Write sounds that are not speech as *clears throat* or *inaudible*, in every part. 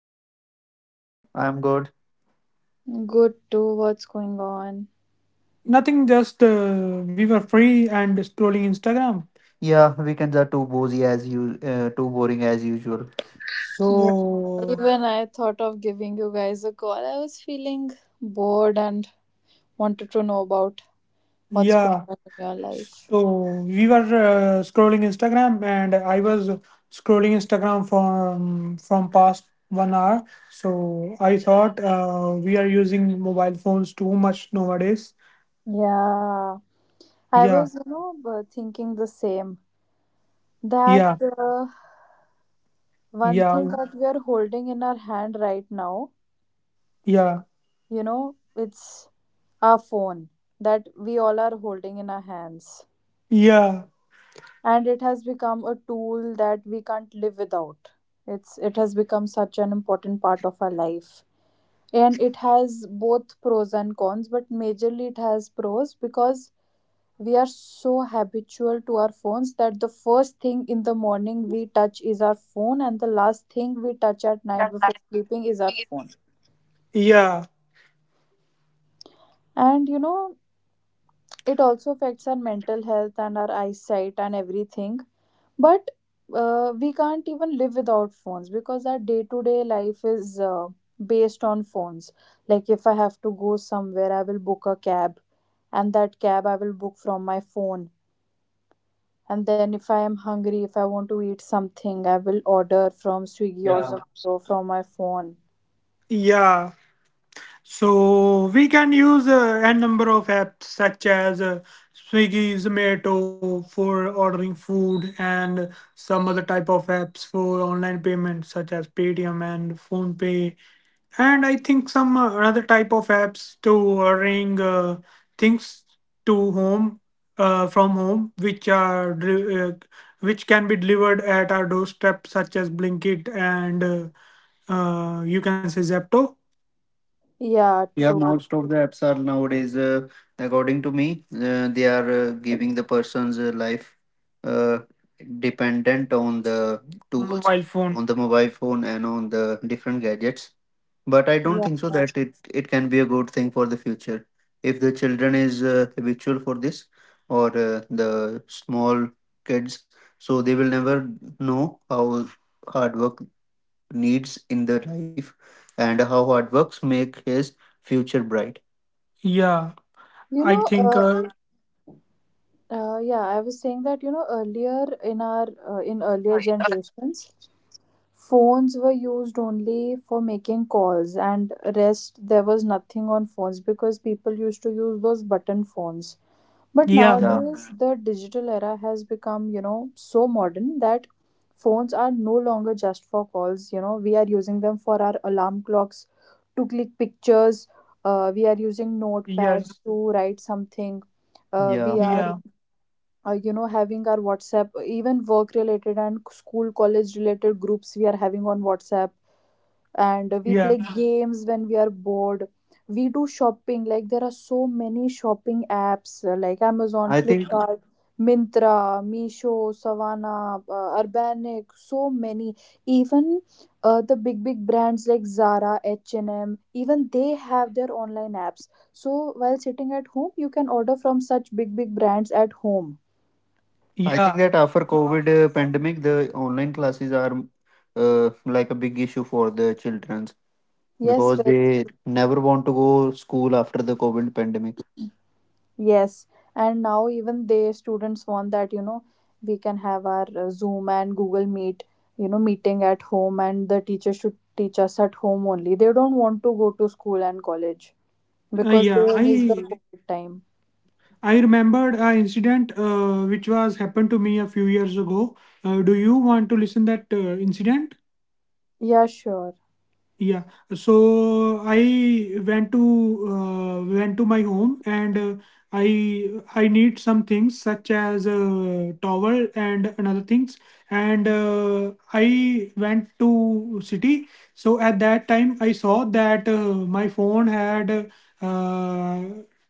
good. What about you, Meher? I'm good. Good too, what's going on? Nothing, just we were free and scrolling Instagram. Yeah, weekends are too boozy as you, too boring as usual. Yeah. So, Even I thought of giving you guys a call. I was feeling bored and wanted to know about what's going yeah. on in your life. So, we were scrolling Instagram and I was scrolling Instagram from past 1 hour. So, I thought we are using mobile phones too much nowadays. Yeah, I Yeah, was, you know, thinking the same. That yeah, one thing yeah, that we are holding in our hand right now, yeah, you know, it's our phone that we all are holding in our hands, yeah, and it has become a tool that we can't live without. It has become such an important part of our life, and it has both pros and cons, but majorly it has pros because we are so habitual to our phones that the first thing in the morning we touch is our phone, and the last thing we touch at night before sleeping is our phone. yeah. And you know, it also affects our mental health and our eyesight and everything, but we can't even live without phones because our day to day life is based on phones. Like if I have to go somewhere, I will book a cab, and that cab I will book from my phone. And then if I am hungry, if I want to eat something, I will order from Swiggy or Zomato from my phone. Yeah, so we can use a number of apps such as Swiggy, Zomato for ordering food, and some other type of apps for online payments such as Paytm and PhonePe, and I think some another type of apps to ordering things to home from home, which are which can be delivered at our doorstep, such as Blinkit and you can say Zepto. Yeah, Yeah, true. most of the apps are nowadays, according to me, they are giving the person's life uh, dependent on the tools, Mobile phone. On the mobile phone, and on the different gadgets. But I don't think so yeah that it can be a good thing for the future. If the children is habitual for this, or the small kids, so they will never know how hard work needs in their life and how hard works make his future bright. Yeah, you I know, think. uh, yeah, I was saying that you know earlier in our in earlier generations, phones were used only for making calls, and rest there was nothing on phones because people used to use those button phones. But Yeah. Yeah. nowadays the digital era has become, you know, so modern that phones are no longer just for calls. You know, we are using them for our alarm clocks, to click pictures, we are using notepads Yes. to write something, Yeah. we are Yeah. You know, having our WhatsApp, even work related and school college related groups we are having on WhatsApp. And we Yeah. play games when we are bored, we do shopping. Like there are so many shopping apps, like Amazon, I think Flipkart, mintra meesho, Savana, Urbanic, so many. Even the big big brands like Zara, H&M, even they have their online apps, so while sitting at home you can order from such big big brands at home. I think Yeah. that after COVID pandemic, the online classes are like a big issue for the childrens Yes, because well, they never want to go school after the COVID pandemic. yes. And now even they students want that, you know, we can have our Zoom and Google Meet, you know, meeting at home, and the teacher should teach us at home only. They don't want to go to school and college Yeah. because they miss the I COVID time. I remembered an incident which was happened to me a few years ago. Do you want to listen that incident? Yeah, sure. Yeah, so I went to my home and I need some things such as a towel and another things and I went to city. So at that time I saw that my phone had uh,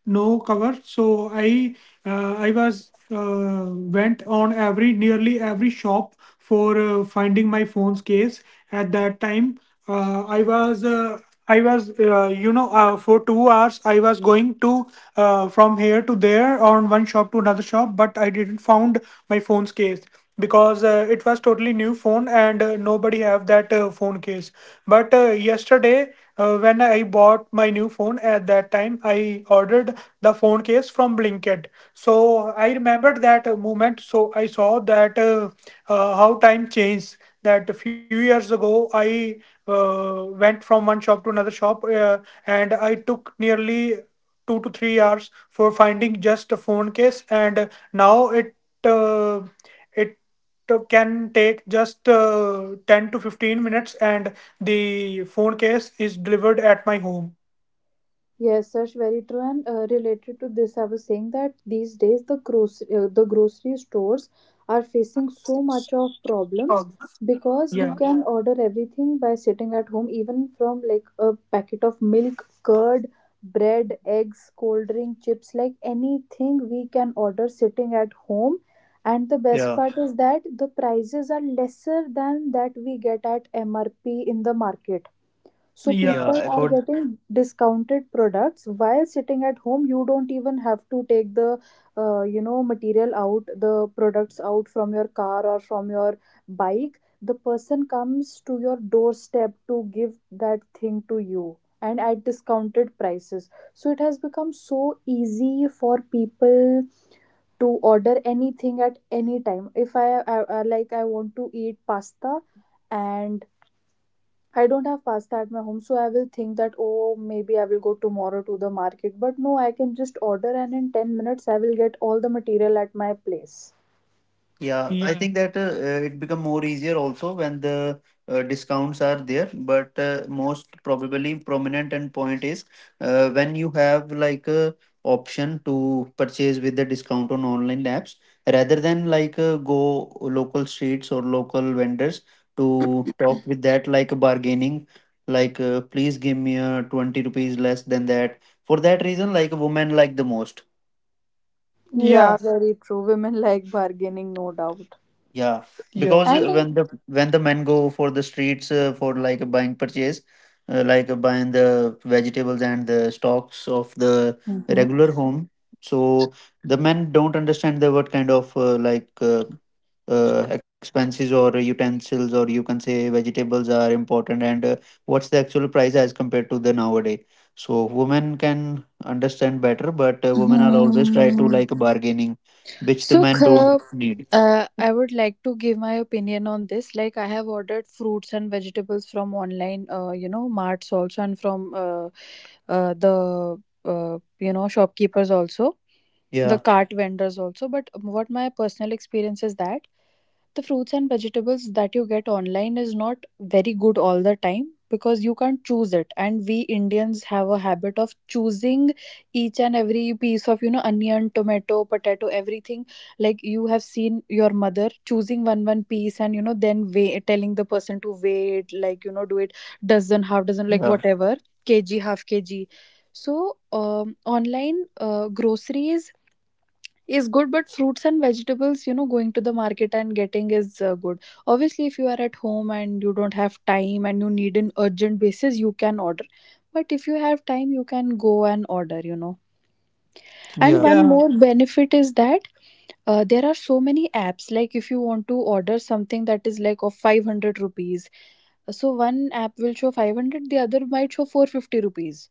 no cover. So I was went on every nearly every shop for finding my phone's case at that time uh, I was uh, I was you know for 2 hours I was going to from here to there on one shop to another shop, but I didn't found my phone's case because it was totally new phone and nobody have that phone case. But yesterday when I bought my new phone, at that time I ordered the phone case from Blinkit, so I remembered that moment. So I saw that how time changed, that a few years ago I went from one shop to another shop, and I took nearly 2 to 3 hours for finding just a phone case. And now uh, it can take just 10 to 15 minutes, and the phone case is delivered at my home. Yes, Sash, very true. And related to this, I was saying that these days the grocery stores are facing so much of problems because we Yeah. can order everything by sitting at home, even from like a packet of milk, curd, bread, eggs, cold drink, chips, like anything we can order sitting at home. And the Yeah. best part is that the prices are lesser than that we get at MRP in the market, so Yeah. people are Yeah. getting discounted products while sitting at home. You don't even have to take the, you know, material out, the products out from your car or from your bike. The person comes to your doorstep to give that thing to you, and at discounted prices. So it has become so easy for people to order anything at any time. If I want to eat pasta and I don't have pasta at my home, so I will think that, oh, maybe I will go tomorrow to the market. But no, I can just order, and in 10 minutes, I will get all the material at my place. Yeah, I think that it become more easier also when the discounts are there. But most probably prominent and point is when you have like a option to purchase with the discount on online apps rather than like go local streets or local vendors to talk with that like bargaining, like please give me a 20 rupees less than that. For that reason, like women like the most. Yeah, Yeah. very true. Women *laughs* like bargaining, no doubt. Yeah. Yeah. Because And when the men go for the streets for like buying purchase, like buying the vegetables and the stocks of the Mhm. regular home, so the men don't understand the what kind of like expenses or utensils or you can say vegetables are important, and what's the actual price as compared to the nowadays. So women can understand better, but women are always try to Hmm. like bargaining, which the So, men don't Kha, need. I would like to give my opinion on this. Like, I have ordered fruits and vegetables from online, you know, marts also, and from the you know, shopkeepers also, the Yeah. cart vendors also. But what my personal experience is that the fruits and vegetables that you get online is not very good all the time because you can't choose it, and we Indians have a habit of choosing each and every piece of, you know, onion, tomato, potato, everything. Like you have seen your mother choosing one piece and you know then wait, telling the person to wait, like you know, do it Yeah. dozen, half dozen, like whatever kg, half kg. So online groceries is good, but fruits and vegetables, you know, going to the market and getting is good. Obviously if you are at home and you don't have time and you need an urgent basis, you can order. But if you have time, you can go and order, you know. And Yeah. one Yeah. more benefit is that there are so many apps, like if you want to order something that is like of 500 rupees, so one app will show 500, the other might show 450 rupees.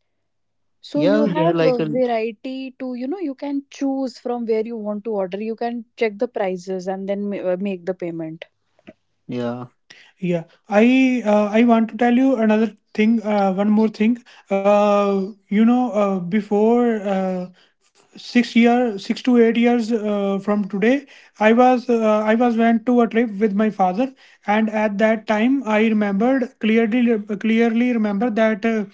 So Yeah. you Yeah, they're yeah have like a a. variety to, you know, you can choose from where you want to order. You can check the prices and then make the payment. Yeah. Yeah, I want to tell you another thing, one more thing. Before 6 year, 6 to 8 years from today, I was went to a trip with my father, and at that time I remembered clearly, clearly remember that uh,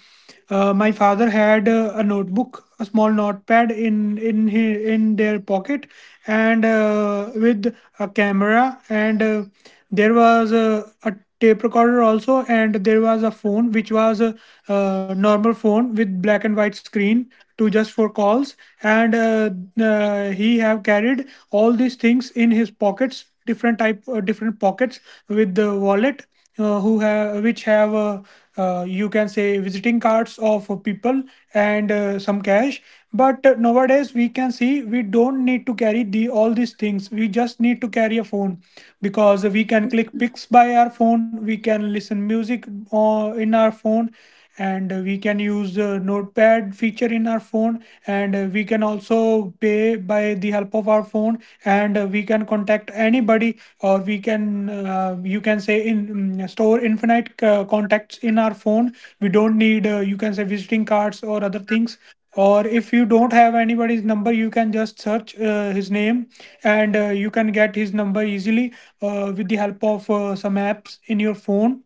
uh, my father had a notebook, a small notepad in in their pocket, and with a camera, and there was a tape recorder also, and there was a phone which was a, normal phone with black and white screen to just for calls. And he have carried all these things in his pockets, different pockets with the wallet, who have which have you can say visiting cards of people and some cash. But nowadays we can see we don't need to carry the all these things. We just need to carry a phone because we can click pics by our phone, we can listen music in our phone, and we can use the notepad feature in our phone, and we can also pay by the help of our phone, and we can contact anybody, or we can you can say store infinite contacts in our phone. We don't need you can say visiting cards or other things, or if you don't have anybody's number, you can just search his name and you can get his number easily with the help of some apps in your phone.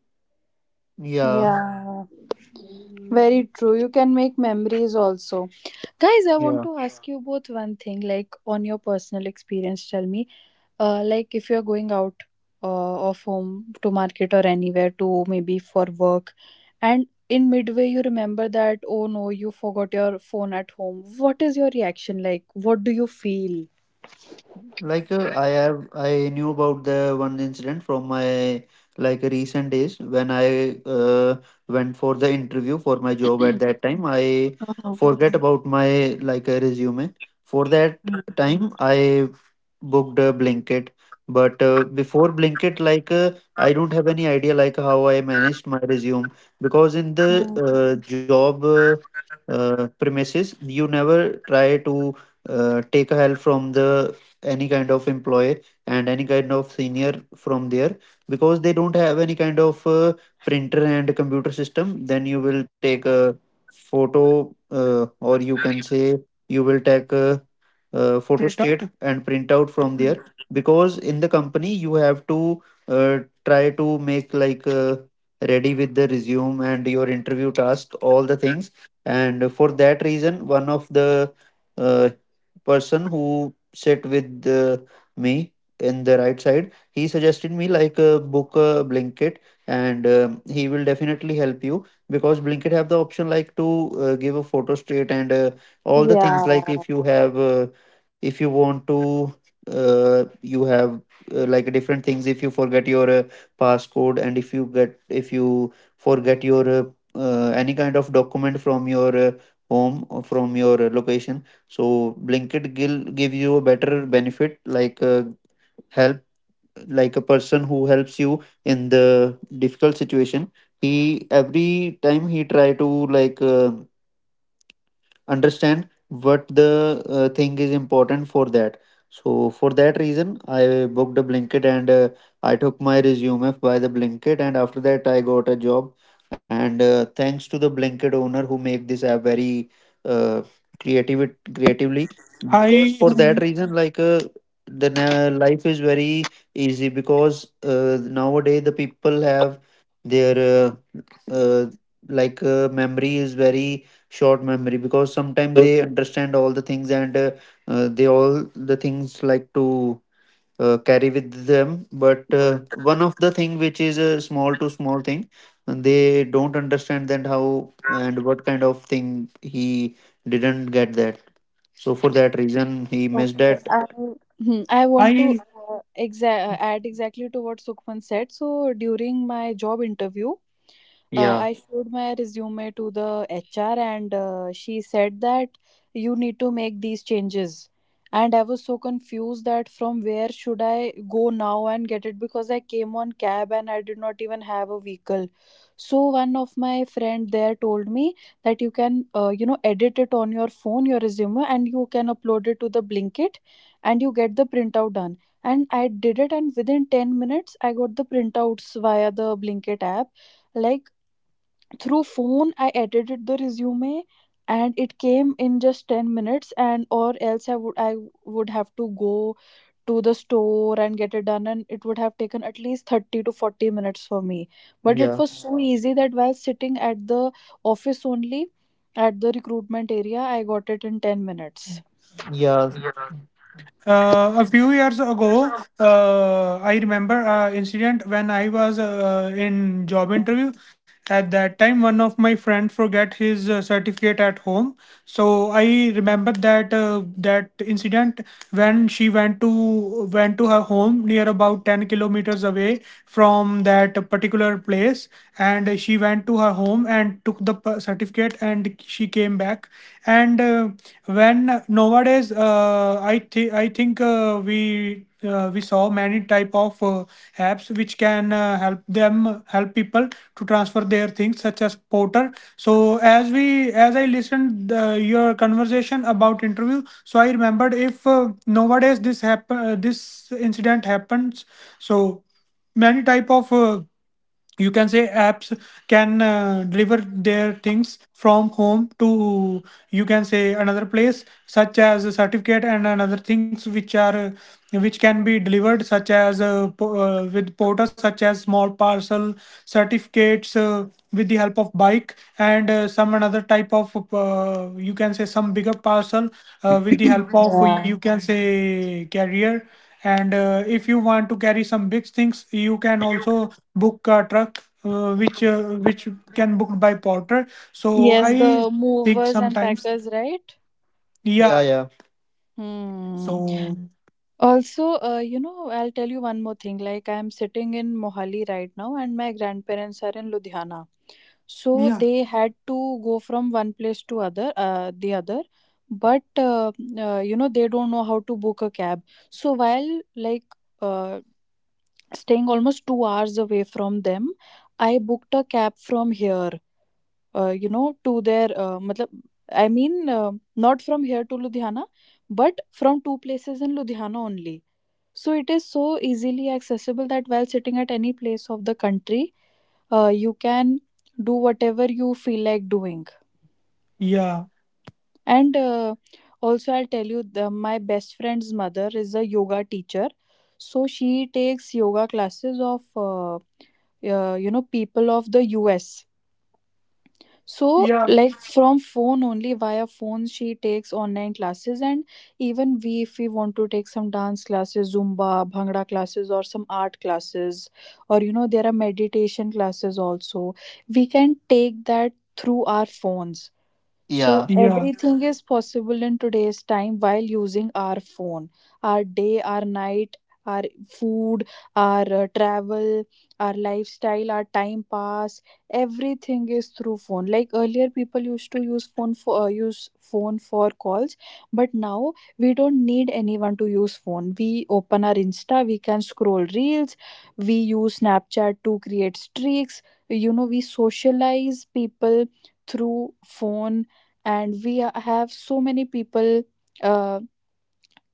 Yeah. Yeah, very true. You can make memories also. Guys, I want to ask you both one thing, like on your personal experience, tell me, like if you're going out of home to market or anywhere to maybe for work, and in midway you remember that, oh no, you forgot your phone at home. What is your reaction like? What do you feel? Like I have, I knew about the one incident from my like recent days when I went for the interview for my job. At that time, I forget about my like a resume. For that time, I booked a Blinkit, but before Blinkit, like I don't have any idea like how I managed my resume, because in the job premises, you never try to take a help from the any kind of employee and any kind of senior from there, because they don't have any kind of printer and computer system. Then you will take a photo or you can say you will take a, photo print out state and print out from there, because in the company you have to uh, try to make like ready with the resume and your interview task, all the things. And for that reason, one of the uh, person who sit with me in the right side, he suggested me like book Blinkit, and he will definitely help you, because Blinkit have the option like to give a photo state and all the Yeah, things, like if you have if you want to you have like different things, if you forget your passcode, and if you get if you forget your any kind of document from your home or from your location, so Blinkit Gill give you a better benefit, like help, like a person who helps you in the difficult situation. He every time he try to like understand what the thing is important for that. So for that reason I booked a blanket, and I took my resume by the blanket, and after that I got a job. And thanks to the blanket owner who make this app very uh, creatively, because I for that reason like life is very easy, because nowadays the people have their uh, like memory is very short memory, because sometimes they understand all the things and they all the things like to carry with them, but one of the thing which is a small to small thing and they don't understand, then how and what kind of thing he didn't get that, so for that reason he missed okay. that. I want to I add exactly to what Sukhman said. So, during my job interview, yeah I showed my resume to the HR, and she said that you need to make these changes. And I was so confused that from where should I go now and get it because I came on cab and I did not even have a vehicle. So one of my friend there told me that you can you know, edit it on your phone, your resume, and you can upload it to the Blinkit and you get the printout done. And I did it, and within 10 minutes I got the printouts via the Blinkit app. Like through phone I edited the resume and it came in just 10 minutes, and or else I would have to go to the store and get it done, and it would have taken at least 30 to 40 minutes for me. But it yeah was so easy that while sitting at the office only, at the recruitment area, I got it in 10 minutes. yeah. A few years ago, I remember an incident when I was in job interview. At that time, one of my friend forget his certificate at home. So I remember that that incident when she went to her home near about 10 kilometers away from that particular place, and she went to her home and took the certificate and she came back. And when nowadays, I think we saw many type of apps which can help people to transfer their things, such as Porter. So as we as I listened your conversation about interview, so I remembered if nowadays this happen this incident happens, so many type of you can say apps can deliver their things from home to, you can say, another place, such as a certificate and another things which are which can be delivered, such as with porter, such as small parcel, certificates with the help of bike, and some another type of you can say some bigger parcel with the *clears throat* help of, Yeah, you can say, carrier. And if you want to carry some big things, you can also book a truck, which can booked by porter. So yes, I the think movers and sometimes. packers, right? Yeah, yeah. hmm So Also, you know, I'll tell you one more thing. Like, I'm sitting in Mohali right now, and my grandparents are in Ludhiana. So yeah they had to go from one place to the other. But you know, they don't know how to book a cab. So while like uh, staying almost 2 hours away from them, I booked a cab from here. You know, to their. Matlab, I mean, not from here to Ludhiana, but from two places in Ludhiana only. So it is so easily accessible that while sitting at any place of the country, you can do whatever you feel like doing. yeah And also, I'll tell you, the, my best friend's mother is a yoga teacher. So she takes yoga classes of, you know, people of the US. So, yeah like from phone only, via phone, she takes online classes. And even we, if we want to take some dance classes, Zumba, Bhangra classes, or some art classes, or you know, there are meditation classes also, we can take that through our phones. So, Yeah. yeah everything is possible in today's time while using our phone: our day, our night, our food, our travel, our lifestyle, our time pass, everything is through phone. Like earlier people used to use phone for calls, but now we don't need anyone to use phone. We open our Insta, we can scroll reels, we use Snapchat to create streaks, you know, we socialize people through phone, and we have so many people Uh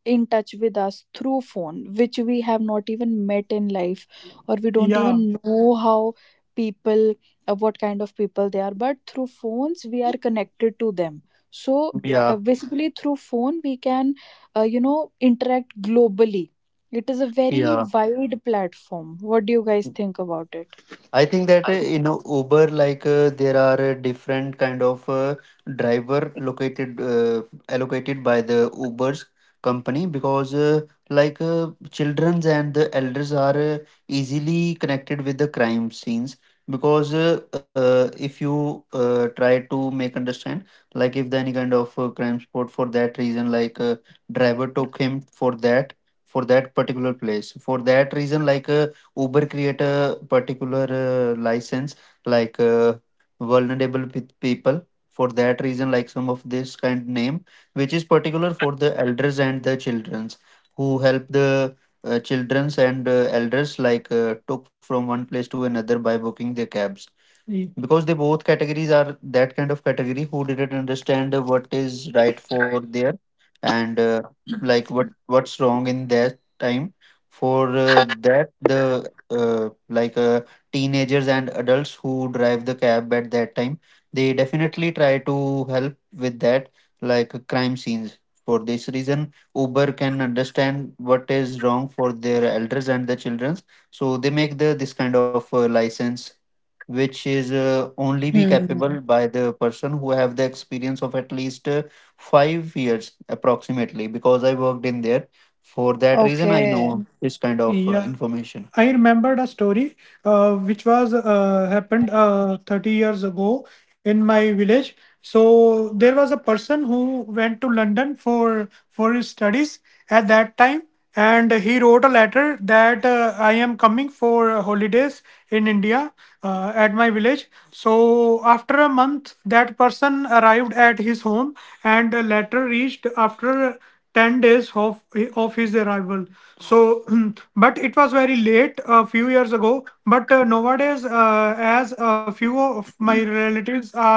in touch with us through phone, which we have not even met in life, or we don't yeah even know how people what kind of people they are. But through phones we are connected to them. So Yeah. basically through phone we can you know, interact globally. It is a very Yeah. wide platform. What do you guys think about it? I think that in Uber, like there are different kind of driver located, allocated by the Uber's company, because childrens and the elders are easily connected with the crime scenes, because if you try to make understand like if the any kind of crime spot, for that reason, like driver took him for that particular place, for that reason like Uber create a particular license, like vulnerable with people, for that reason, like some of this kind name which is particular for the elders and the childrens who help the childrens and elders, like took from one place to another by booking their cabs. Mm. Because they both categories are that kind of category who didn't understand what is right for there, and like what's wrong in their time. For that, the uh, like uh, teenagers and adults who drive the cab, at that time they definitely try to help with that, like crime scenes. For this reason Uber can understand what is wrong for their elders and the childrens, so they make the this kind of license which is only be capable Hmm. by the person who have the experience of at least 5 years approximately, because I worked in there. For that reason, I Okay. know this kind of Yeah, information. I remembered a story which was happened 30 years ago in my village. So there was a person who went to London for his studies at that time, and he wrote a letter that I am coming for holidays in India at my village. So after a month, that person arrived at his home, and a letter reached after 10 days of his arrival. So *clears throat* but it was very late a few years ago. But nowadays, as a few of my relatives are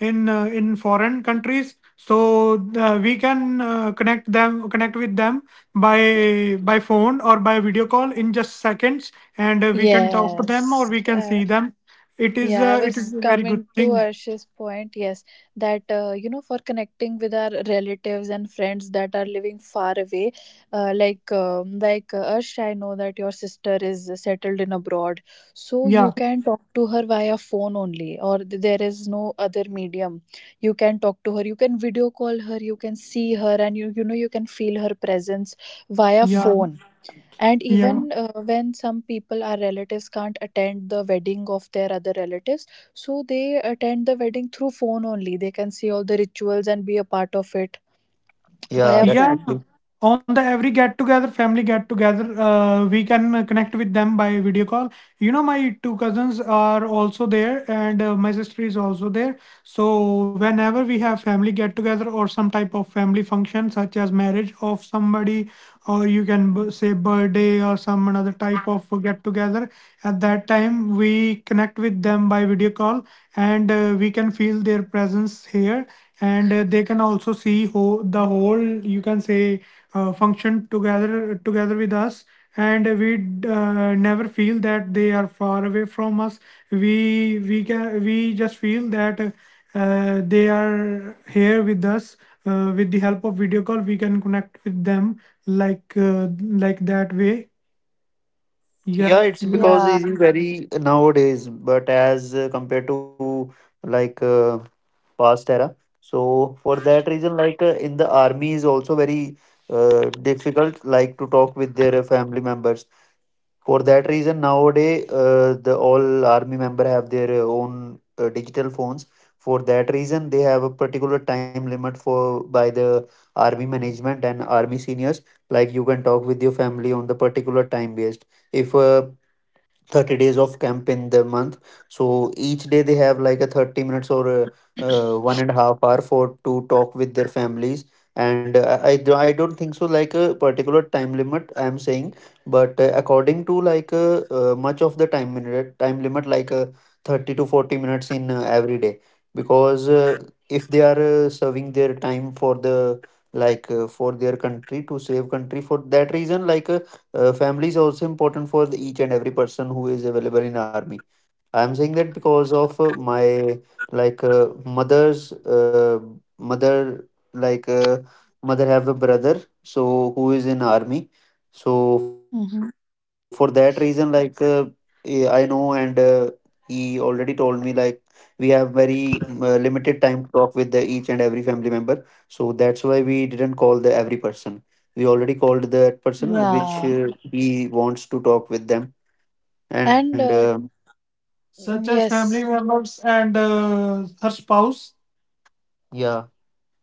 in foreign countries, so we can connect with them by phone or by video call in just seconds, and we can talk to them or Yes. we can see them. It is Yeah, I it was is a very good coming to thing. Arsh's point. Yes, that for connecting with our relatives and friends that are living far away, Arsh, I know that your sister is settled in abroad, so yeah you can talk to her via phone only, or there is no other medium. You can talk to her. You can video call her. You can see her, and you can feel her presence via yeah phone. And yeah. even when some people, our relatives, can't attend the wedding of their other relatives, so they attend the wedding through phone only. They can see all the rituals and be a part of it via Yeah, yeah, phone. definitely. On the every get together, family get together, we can connect with them by video call. You know, my two cousins are also there, and my sister is also there. So whenever we have family get together or some type of family function, such as marriage of somebody, or you can say birthday, or some another type of get together, at that time we connect with them by video call, and we can feel their presence here, and they can also see the whole, you can say, function together with us. And we never feel that they are far away from us. We just feel that they are here with us. With the help of video call, we can connect with them like that way, yeah. Yeah, it's actually, because Yeah. it's very nowadays, but as compared to like past era. So for that reason, like in the army is also very difficult, like to talk with their family members. For that reason, nowadays the all army member have their own digital phones. For that reason, they have a particular time limit for by the army management and army seniors. Like you can talk with your family on the particular time based, if 30 days of camp in the month, so each day they have like a 30 minutes or 1.5 hour for to talk with their families. And I don't think so like a particular time limit I am saying, but according to like much of the time, minute time limit like 30 to 40 minutes in every day, because if they are serving their time for the, like for their country, to save country, for that reason, like family is also important for the each and every person who is available in army. I'm saying that because of my, like mother's mother like uh, mother have a brother, so who is in army. So for hmm that reason, like I know, and he already told me, like, we have very limited time to talk with the each and every family member. So that's why we didn't call the every person. We already called the person which Yeah. He wants to talk with them, And and such as family yes, members and her spouse. Yeah,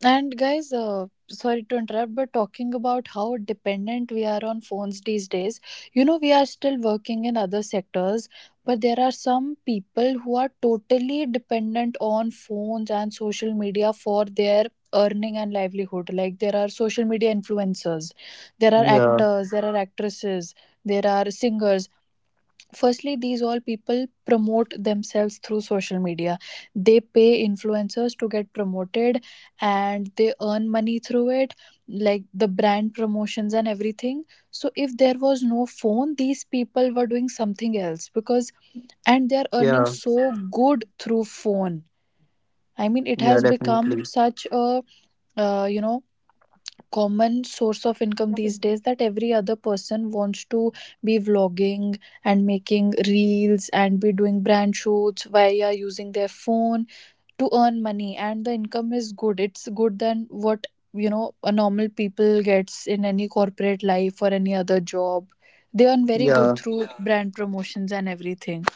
and guys, sorry to interrupt, but talking about how dependent we are on phones these days, you know, we are still working in other sectors, but there are some people who are totally dependent on phones and social media for their earning and livelihood. Like, there are social media influencers, there are yeah, actors, there are actresses, there are singers. Firstly, these all people promote themselves through social media. They pay influencers to get promoted, and they earn money through it, like the brand promotions and everything. So if there was no phone, these people were doing something else, because and they are earning yeah, so good through phone. I mean, it yeah, has become definitely. such a uh, you know common source of income these days, that every other person wants to be vlogging and making reels and be doing brand shoots via using their phone to earn money. And the income is good. It's good than what, you know, a normal people gets in any corporate life or any other job. They earn very good Yeah. through brand promotions and everything.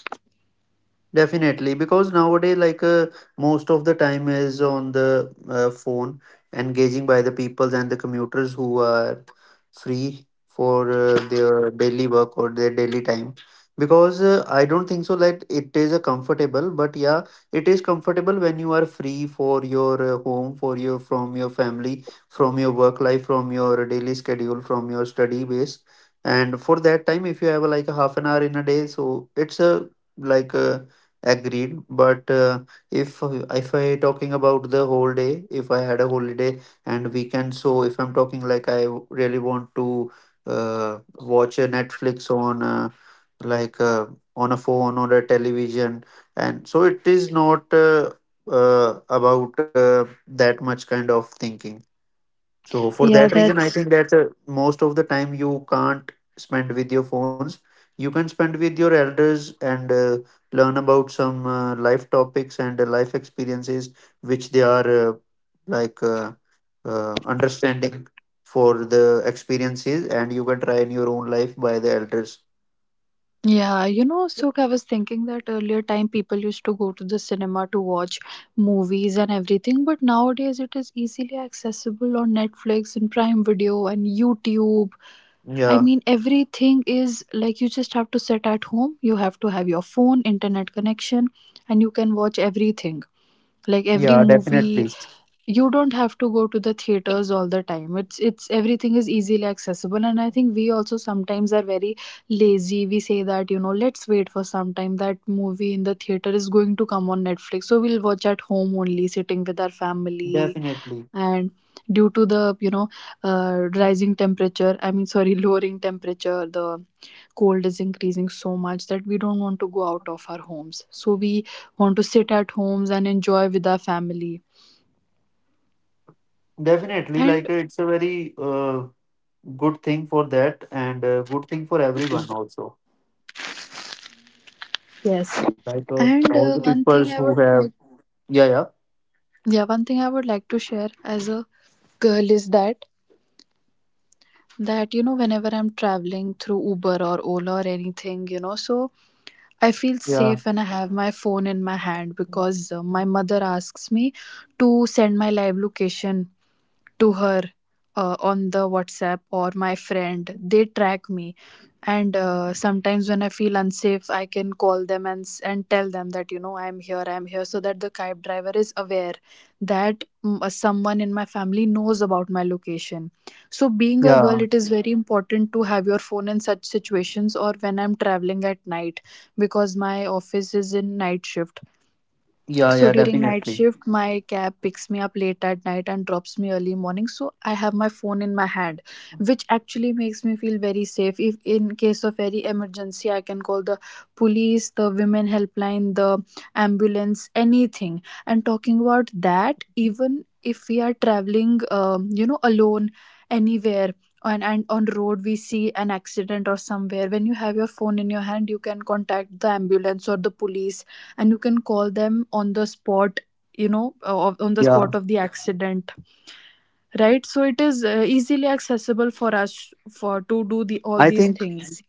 Definitely, because nowadays, like most of the time is on the phone, engaging by the people and the commuters who are free for their daily work or their daily time. Because I don't think so that it is a comfortable, but yeah, it is comfortable when you are free for your home, for your from your family, from your work life, from your daily schedule, from your study base. And for that time, if you have like a half an hour in a day, so it's a like a. Agreed, but if if I talking about the whole day, if I had a holiday and weekend, so if I'm talking like I really want to uh, watch a Netflix on like uh, on a phone or a television. And so it is not about that much kind of thinking. So for that Yeah, reason, I that's. think that most of the time you can't spend with your phones. You can spend with your elders and learn about some life topics and life experiences which they are like uh, understanding for the experiences, and you can try in your own life by the elders. Yeah, you know, so I was thinking that earlier time people used to go to the cinema to watch movies and everything, but nowadays it is easily accessible on Netflix and Prime Video and YouTube. I Yeah, mean, everything is like you just have to sit at home, you have to have your phone, internet connection, and you can watch everything. Like every yeah, definitely, movie, you don't have to go to the theaters all the time. It's everything is easily accessible, and I think we also sometimes are very lazy. We say that, you know, let's wait for some time, that movie in the theater is going to come on Netflix, so we'll watch at home only, sitting with our family. definitely, And due to the rising temperature, I mean sorry, *laughs* lowering temperature, the cold is increasing so much that we don't want to go out of our homes, so we want to sit at homes and enjoy with our family. definitely. And Like it's a very good thing for that, and good thing for everyone also. yes. Like And all the one people thing I who would like have, yeah, yeah, yeah, one thing I would like to share as a girl is that you know, whenever I'm traveling through Uber or Ola or anything, you know, so I feel yeah, safe when I have my phone in my hand. Because my mother asks me to send my live location to her on the WhatsApp, or my friend. They track me. And sometimes when I feel unsafe, I can call them and and tell them that, you know, I'm here, so that the cab driver is aware that someone in my family knows about my location. So being a girl, yeah, it is very important to have your phone in such situations, or when I'm traveling at night, because my office is in night shift. yeah, So yeah, during night definitely. shift, my cab picks me up late at night and drops me early morning. So I have my phone in my hand, which actually makes me feel very safe. If in case of any emergency, I can call the police, the women helpline, the ambulance, anything. And talking about that, even if we are traveling, alone anywhere. And on road we see an accident, or somewhere when you have your phone in your hand, you can contact the ambulance or the police, and you can call them on the spot, you know, on the Yeah, spot of the accident, right? So it is easily accessible for us for to do the all I these think things.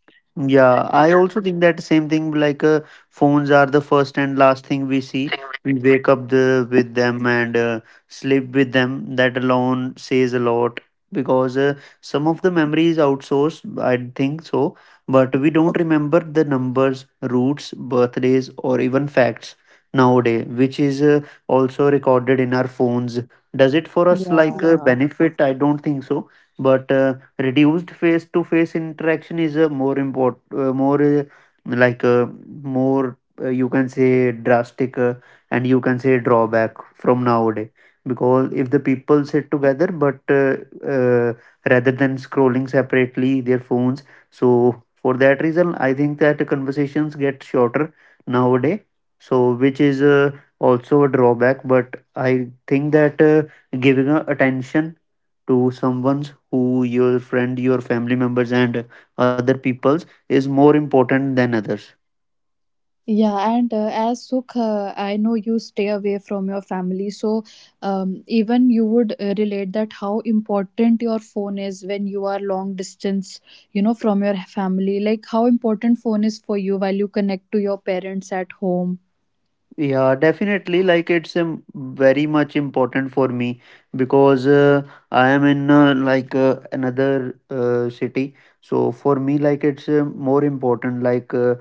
Yeah, I also think that same thing. Like phones are the first and last thing we see. We wake up the, with them and sleep with them. That alone says a lot, because some of the memory is outsourced. I think so, but we don't remember the numbers, routes, birthdays, or even facts nowadays, which is also recorded in our phones. Does it for us like a benefit? I don't think so, but. Reduced face to face interaction is a more important more like a more you can say drastic, and you can say drawback from nowadays, because if the people sit together, but uh, rather than scrolling separately their phones. So for that reason, I think that conversations get shorter nowadays, so which is also a drawback. But I think that giving a attention to someone who your friend, your family members and other peoples, is more important than others. Yeah, and as Sukh, I know you stay away from your family, so um, even you would relate that how important your phone is when you are long distance, you know, from your family. Like how important phone is for you while you connect to your parents at home. Yeah, definitely. Like it's very much important for me, because I am in another city. So for me, like it's more important. Like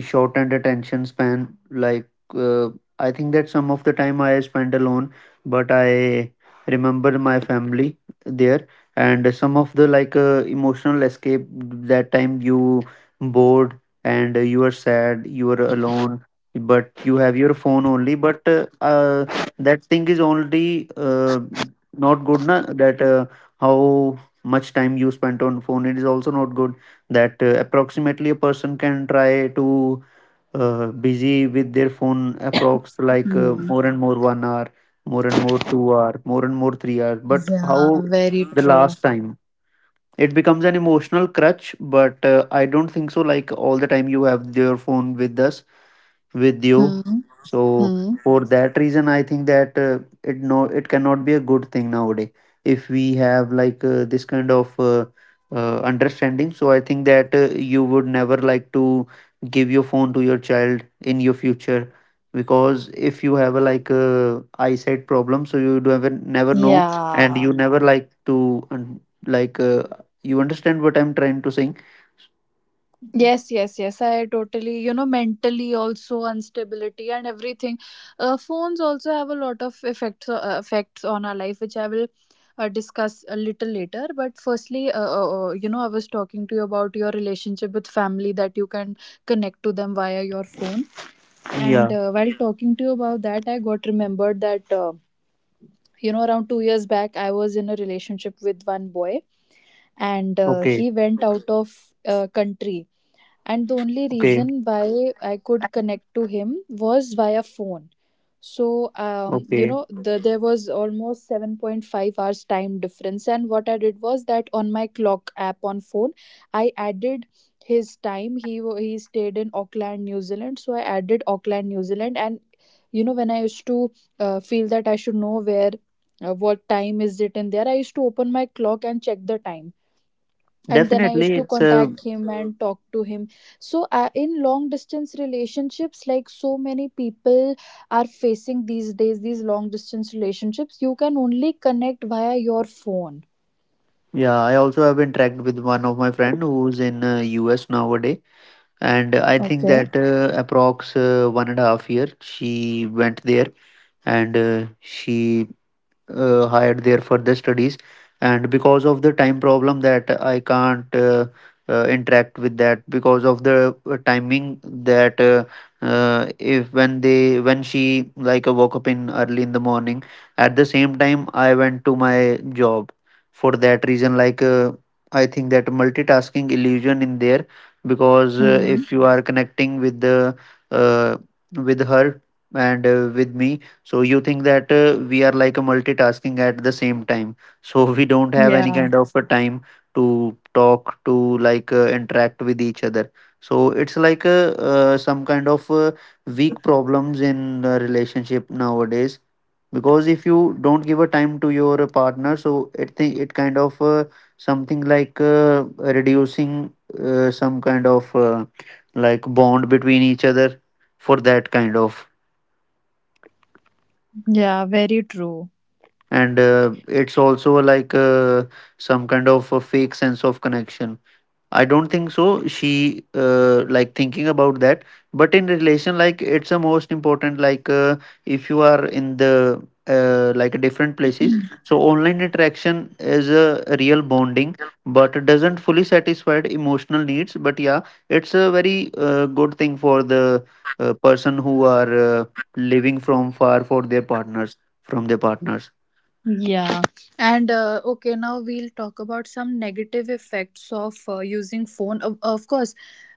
shortened attention span. Like I think that some of the time I spend alone, but I remember my family there. And some of the like emotional escape. That time you bored and you are sad, you are alone, but you have your phone only. But that thing is only not good, na, that how much time you spent on phone, it is also not good, that approximately a person can try to busy with their phone approx, like Hmm. more and more 1 hour, more and more 2 hour, more and more 3 hours. But how Yeah Very the true. last time it becomes an emotional crutch, but I don't think so. Like all the time, you have your with you. hmm. So Hmm. for that reason, I think that it cannot be a good thing nowadays. If we have this kind of understanding, so I think that you would never like to give your phone to your child in your future, because if you have a eyesight problem, so you do ever never know, and Yeah. you never like to. Like uh, you understand what I'm trying to saying? Yes, yes, yes. I totally, you know, mentally also instability and everything. Phones also have a lot of effects effects on our life, which I will discuss a little later. But firstly, you know, I was talking to you about your relationship with family, that you can connect to them via your phone. And Yeah. While talking to you about that, I got remembered that. You know, around 2 years back I was in a relationship with one boy, and Okay. he went out of country, and the only Okay. reason why I could connect to him was via phone. So Okay. There was almost 7.5 hours time difference. And what I did was that on my clock app on phone I added his time. He stayed in Auckland, New Zealand, so I added Auckland, New Zealand. And you know, when I used to feel that I should know where what time is it in there, I used to open my clock and check the time, and then I Definitely, used to it's a contact him and talk to him. So in long distance relationships, like so many people are facing these days, these long distance relationships, you can only connect via your phone. yeah. I also have interacted with one of my friend who's in US nowadays, and I think Okay. that approx 1.5 years she went there, and she hired there for the studies, and because of the time problem that I can't interact with that because of the timing that if when they when she woke up in early in the morning, at the same time I went to my job. For that reason, I think that multitasking illusion in there, because hmm if you are connecting with the uh, with her and with me, so you think that we are like a multitasking at the same time, so *laughs* we don't have any yeah. kind of a time to talk to interact with each other. So it's like a, some kind of weak problems in a relationship nowadays, because if you don't give a time to your partner, so it think it kind of something like reducing some kind of like bond between each other for that kind of. Yeah, very true. And it's also like some kind of a fake sense of connection. I don't think so she like thinking about that, but in relation like it's the most important. Like, if you are in the like different places, so online interaction is a real bonding, but it doesn't fully satisfy emotional needs. But yeah, it's a very good thing for the person who are living from far for their partners, from their partners. Yeah, and okay, now we'll talk about some negative effects of using phone. Of course,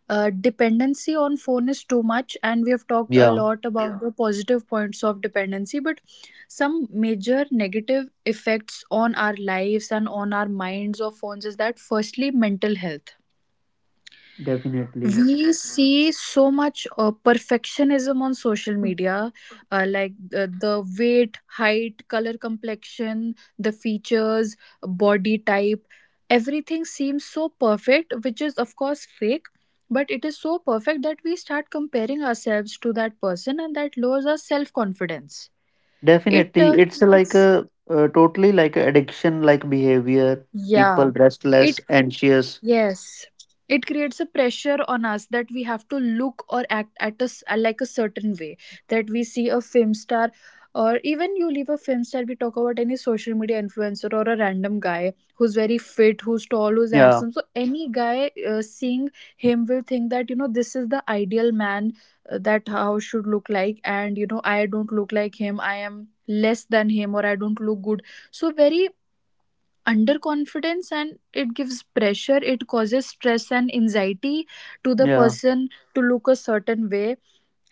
dependency on phone is too much, and we have talked a Yeah, lot about. Yeah. The positive points of dependency, but some major negative effects on our lives and on our minds of phones is that, firstly, mental health. definitely. We see so much perfectionism on social media, the weight, height, color, complexion, the features, body type, everything seems so perfect, which is of course fake, but it is so perfect that we start comparing ourselves to that person, and that lowers our self confidence. It Definitely. It's like creates, a, totally like a addiction like behavior, yeah, people it. restless, anxious. Yes, it creates a pressure on us that we have to look or act at us like a certain way. That we see a film star, or even you leave a film star, we talk about any social media influencer or a random guy who's very fit, who's tall, who's Yeah, handsome. So any guy seeing him will think that, you know, this is the ideal man that house should look like, and you know, I don't look like him. I am less than him, or I don't look good. So very underconfidence, and it gives pressure, it causes stress and anxiety to the yeah. person to look a certain way,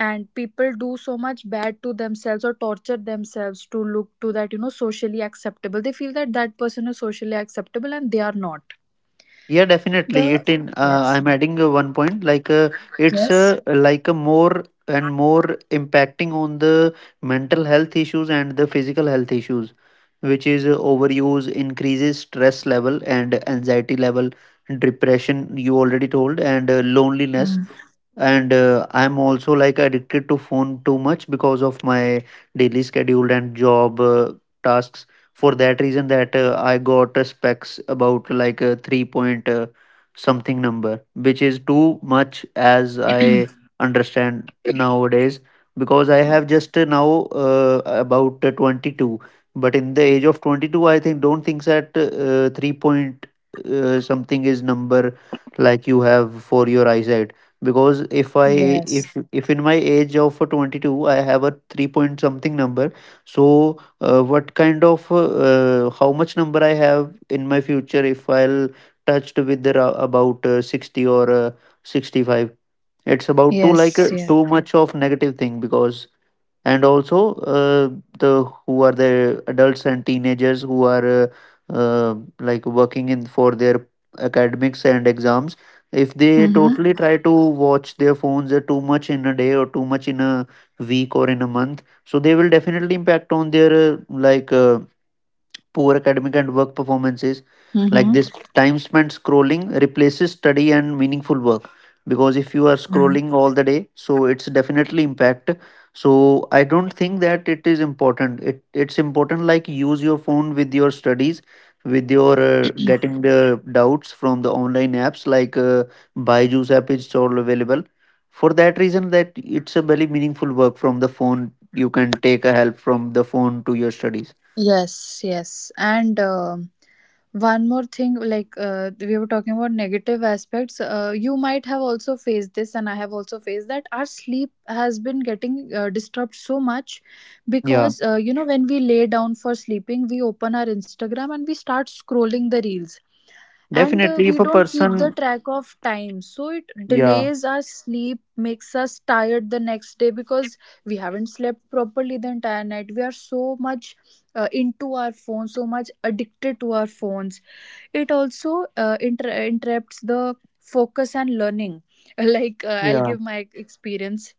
and people do so much bad to themselves or torture themselves to look to that, you know, socially acceptable. They feel that that person is socially acceptable, and they are not Yeah, definitely. the. It in Yes, I'm adding one point it's yes. Like a more and more impacting on the mental health issues and the physical health issues, which is overuse increases stress level and anxiety level, depression you already told, and loneliness. Mm. And I'm also like addicted to phone too much because of my daily schedule and job tasks. For that reason, that I got specs about like a 3 point something number, which is too much as I understand nowadays, because I have just now about 22, but in the age of 22 I think don't think that 3 point something is number like you have for your eyesight. Because if I Yes, if in my age of 22 I have a 3 point something number, so what kind of how much number I have in my future if I'll touched with the, about 60 or 65. It's about too yes, yes. too much of negative thing. Because, and also the who are the adults and teenagers who are like working in for their academics and exams, if they Mm-hmm. totally try to watch their phones too much in a day or too much in a week or in a month, so they will definitely impact on their poor academic and work performances. Like Mm-hmm. this, time spent scrolling replaces study and meaningful work, because if you are scrolling all the day, so it's definitely impact. So I don't think that it is important. It's important like use your phone with your studies, with your getting the doubts from the online apps, Byju's app is all available. For that reason, that it's a very meaningful work from the phone. You can take a help from the phone to your studies. Yes, yes. And one more thing, like we were talking about negative aspects. You might have also faced this, and I have also faced that. Our sleep has been getting disturbed so much, Yeah. because, you know, when we lay down for sleeping, we open our Instagram and we start scrolling the reels. And Definitely, we if a don't keep the person, track of time. So it yeah, delays our sleep, makes us tired the next day because we haven't slept properly the entire night. We are so much into our phones, so much addicted to our phones. It also interrupts the focus and learning. *laughs* Like I'll yeah, give my experience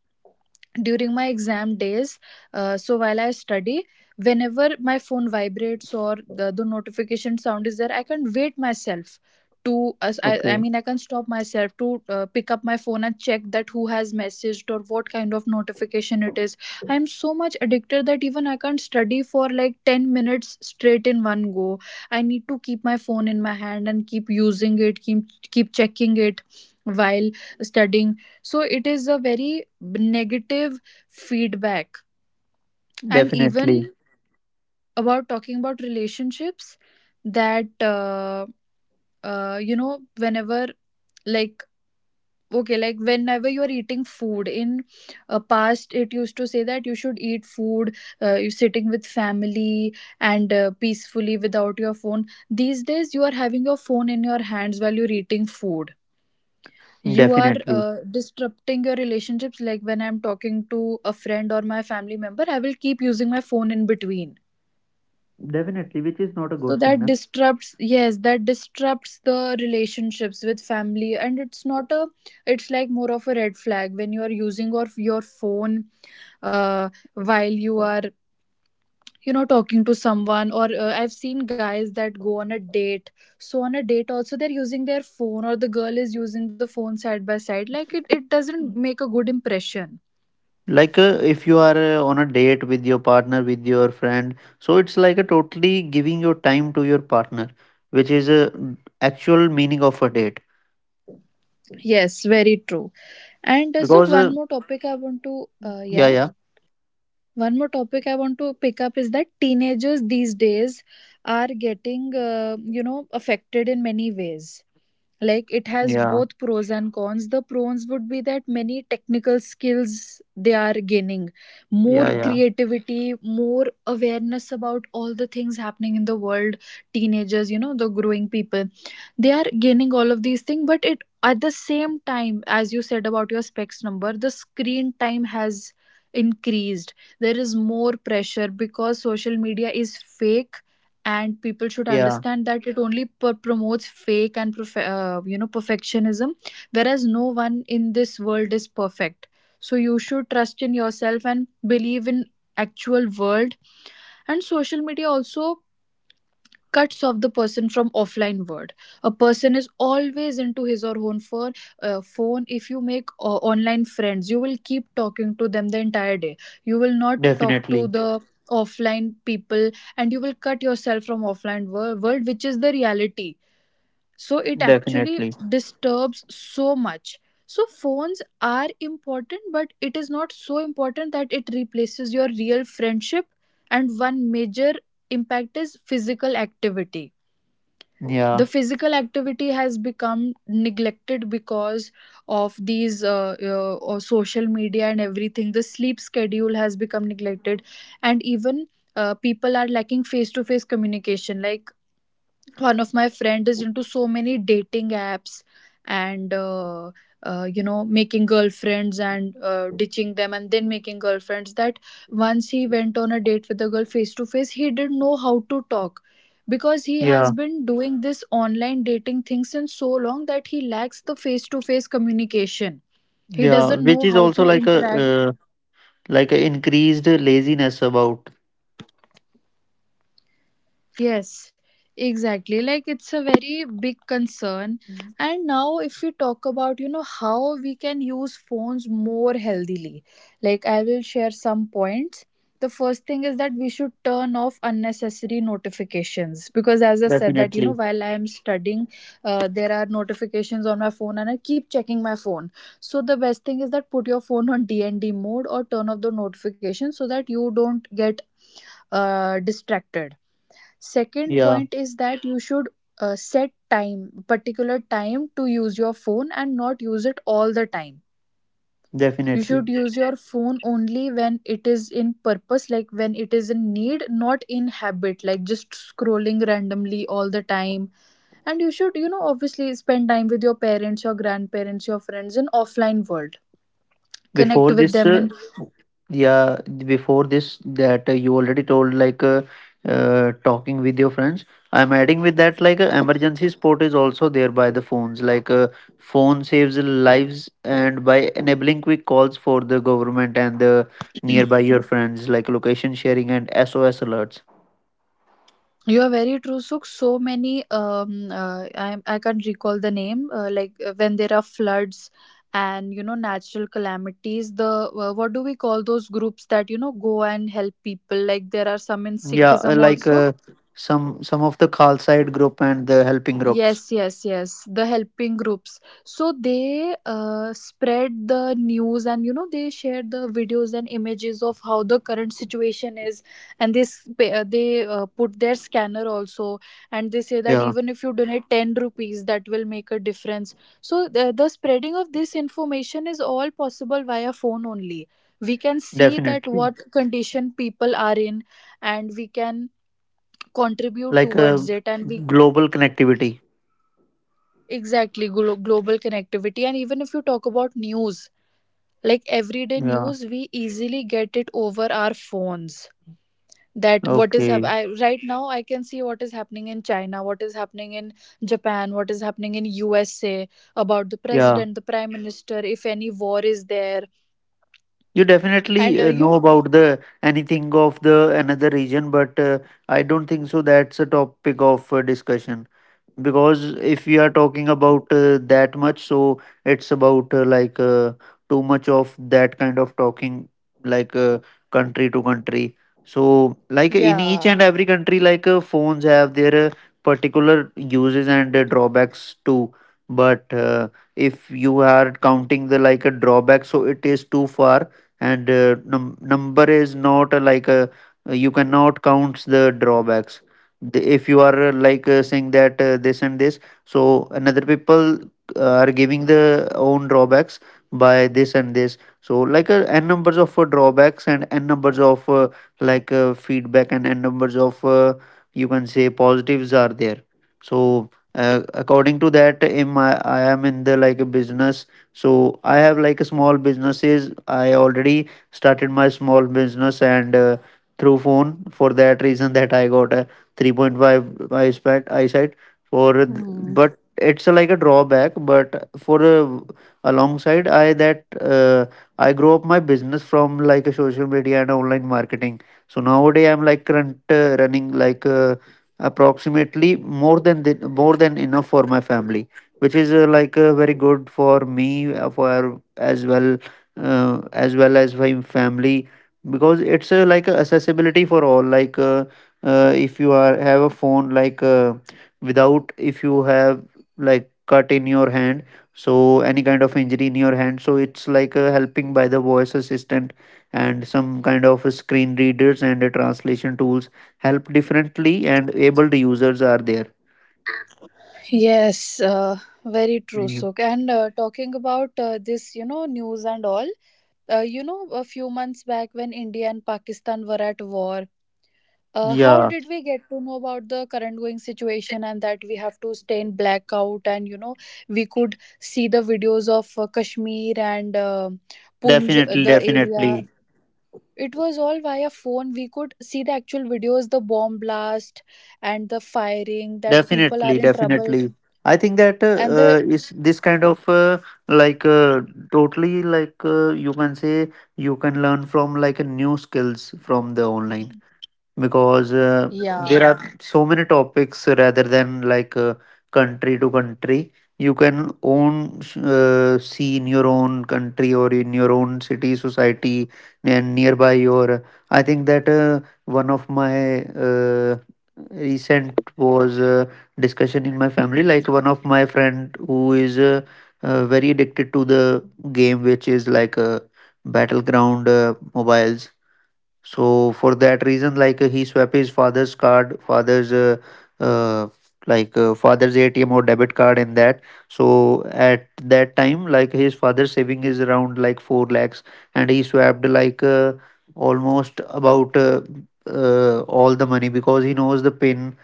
during my exam days. So while I study, whenever my phone vibrates or the notification sound is there, I can wait myself to as I okay, mean, I can stop myself to pick up my phone and check that who has messaged or what kind of notification it is. I'm so much addicted that even I can't study for like 10 minutes straight in one go. I need to keep my phone in my hand and keep using it, keep checking it while studying. So it is a very negative feedback. And definitely, even about talking about relationships, that, you know, whenever, like, okay, like whenever you are eating food, in past, it used to say that you should eat food, you sitting with family and peacefully without your phone. These days, you are having your phone in your hands while you're eating food, you are definitely, disrupting your relationships. Like when I'm talking to a friend or my family member, I will keep using my phone in between, definitely, which is not a so good thing, that na. disrupts, yes, that disrupts the relationships with family. And it's not a it's like more of a red flag when you are using your phone uh, while you are talking to someone, or I've seen guys that go on a date. So on a date also, they're using their phone, or the girl is using the phone side by side. Like it doesn't make a good impression. Like, if you are on a date with your partner, with your friend, so it's like a totally giving your time to your partner, which is a actual meaning of a date. Yes, very true. And so Because, one more topic I want to, yeah, yeah, yeah, one more topic I want to pick up is that teenagers these days are getting affected in many ways. Like it has yeah, both pros and cons. The pros would be that many technical skills they are gaining, more yeah, yeah, creativity, more awareness about all the things happening in the world, teenagers, the growing people, they are gaining all of these things. But it at the same time, as you said about your specs number, the screen time has increased. There is more pressure because social media is fake and people should yeah, understand that it only promotes fake and perfectionism, whereas no one in this world is perfect. So you should trust in yourself and believe in actual world, and social media also cuts off the person from offline world. A person is always into his or her own phone. If you make online friends, you will keep talking to them the entire day. You will not talk to definitely, the offline people and you will cut yourself from offline world, which is the reality. So it actually definitely, disturbs so much. So phones are important, but it is not so important that it replaces your real friendship. And one major impact is physical activity. The yeah, physical activity has become neglected because of these or social media and everything. The sleep schedule has become neglected, and even people are lacking face to face communication. Like one of my friend is into so many dating apps and, making girlfriends, and ditching them, and then making girlfriends, that once he went on a date with a girl face to face, he didn't know how to talk, because he has yeah, been doing this online dating thing since so long that he lacks the face to face communication. He yeah, doesn't which know is how also to interact. Like a increased laziness about. Yes, exactly. Like it's a very big concern. And now, if we talk about, how we can use phones more healthily, like I will share some points. The first thing is that we should turn off unnecessary notifications because, as I said, that Definitely. while I am studying, there are notifications on my phone and I keep checking my phone. So, the best thing is that put your phone on DND mode or turn off the notification so that you don't get distracted. Second Yeah, point is that you should set time, particular time to use your phone and not use it all the time. You definitely. should use your phone only when it is in purpose, like when it is in need, not in habit, like just scrolling randomly all the time. And you should, obviously spend time with your parents, your grandparents, your friends in offline world. Connect Before with this, them in. yeah, before this, that you already told talking with your friends. I'm adding with that emergency support is also there by the phones. Phone saves lives and by enabling quick calls for the government and the nearby your friends, like location sharing and SOS alerts. You are very true. So, so many. I can't recall the name. Like when there are floods and natural calamities, the, what do we call those groups that go and help people? Like there are some in Yeah, Sikhism also. Some of the call side group and the helping groups. Yes, yes, yes. The helping groups. So they spread the news and they share the videos and images of how the current situation is, and they put their scanner also, and they say that Yeah, even if you donate 10 rupees, that will make a difference. So the spreading of this information is all possible via phone only. We can see that definitely. what condition people are in, and we can contribute Like towards a it, and we. global connectivity. Exactly, global connectivity. And even if you talk about news, like everyday Yeah. news, we easily get it over our phones. That what is Okay. Right now, I can see what is happening in China, what is happening in Japan, what is happening in USA about the Yeah. president, the prime minister, if any war is there, You and definitely know about the anything of the another region, but I don't think so. That's a topic of discussion, because if we are talking about that much, so it's about like too much of that kind of talking, like country to country. So, like in each yeah. and every country, phones have their particular uses and drawbacks too. But if you are counting the like a drawback, so it is too far, and number is not like a you cannot count the drawbacks. If you are like saying that this and this, so another people are giving the own drawbacks by this and this, so n numbers of drawbacks and n numbers of feedback, and n numbers of you can say positives are there. So according to that, in my, I am in the like a business, so I have like a small businesses. I already started my small business, and through phone. For that reason, that I got a 3.5 eyesight for Hmm. but it's a, like a drawback. But for a, alongside I that I grow up my business from like a social media and online marketing, so nowadays I'm like current running approximately more than the, more than enough for my family, which is like very good for me for as well as well as my family, because it's like a accessibility for all. Like, if you are have a phone without if you have like cut in your hand, so any kind of injury in your hand, so it's like helping by the voice assistant and some kind of screen readers, and translation tools help differently and abled users are there. Yes, very true, Suk. And talking about this, news and all, a few months back when India and Pakistan were at war, how Yeah. did we get to know about the current going situation and that we have to stay in blackout? And we could see the videos of Kashmir and Definitely, the area. definitely, It was all via phone. We could see the actual videos, the bomb blast and the firing, that people are definitely, in trouble. definitely. I think that And the. Is this kind of like uh, totally like you can say you can learn from like a new skills from the online. Because there Yeah. are so many topics rather than country to country. You can own see in your own country or in your own city society and nearby your I think that one of my recent was discussion in my family, like one of my friend who is very addicted to the game, which is battleground mobiles. So for that reason, he swap his father's card, father's uh, father's ATM or debit card in that. So at that time, like his father's saving is around like 4 lakhs, and he swapped almost about all the money, because he knows the pin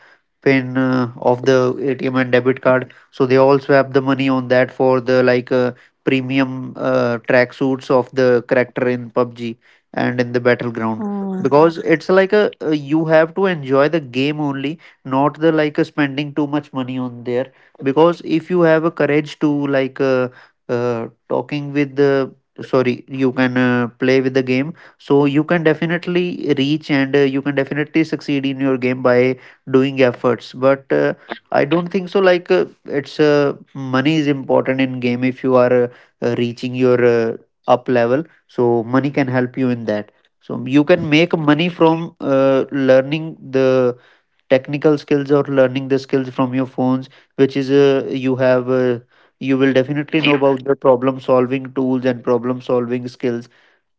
pin of the ATM and debit card. So they also have the money on that for the premium tracksuits of the character in PUBG and in the battleground. Hmm. Because it's like a you have to enjoy the game only, not the spending too much money on there. Because if you have a courage to like talking with the, sorry, you can play with the game, so you can definitely reach and you can definitely succeed in your game by doing efforts, but I don't think so, like it's money is important in game. If you are reaching your up level, so money can help you in that, so you can make money from learning the technical skills or learning the skills from your phones, which is you will definitely know about the problem solving tools and problem solving skills.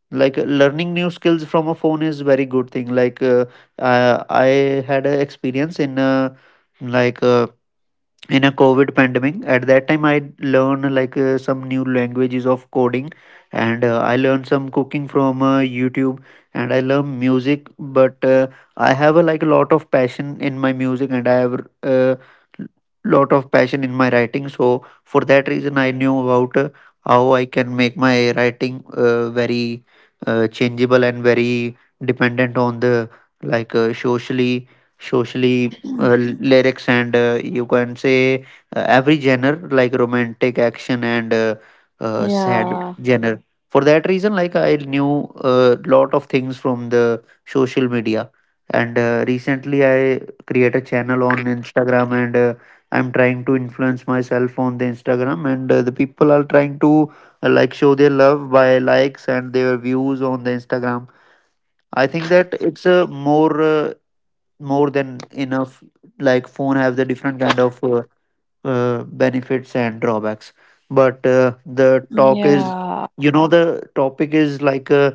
Like learning new skills from a phone is very good thing. Like uh, I had an experience in like in a covid pandemic. At that time I learned like some new languages of coding, and I learned some cooking from YouTube, and I love music, but I have a, like a lot of passion in my music, and I have uh, lot of passion in my writing. So for that reason I knew about how I can make my writing very changeable and very dependent on the like socially uh, lyrics and you can say every genre, like romantic, action and sad Yeah. genre. For that reason, like I knew a lot of things from the social media, and recently I create a channel on Instagram, and I'm trying to influence myself on the Instagram, and the people are trying to like show their love by likes and their views on the Instagram. I think that it's a more more than enough. Like phone have the different kind of benefits and drawbacks, but the talk is Yeah. you know the topic is like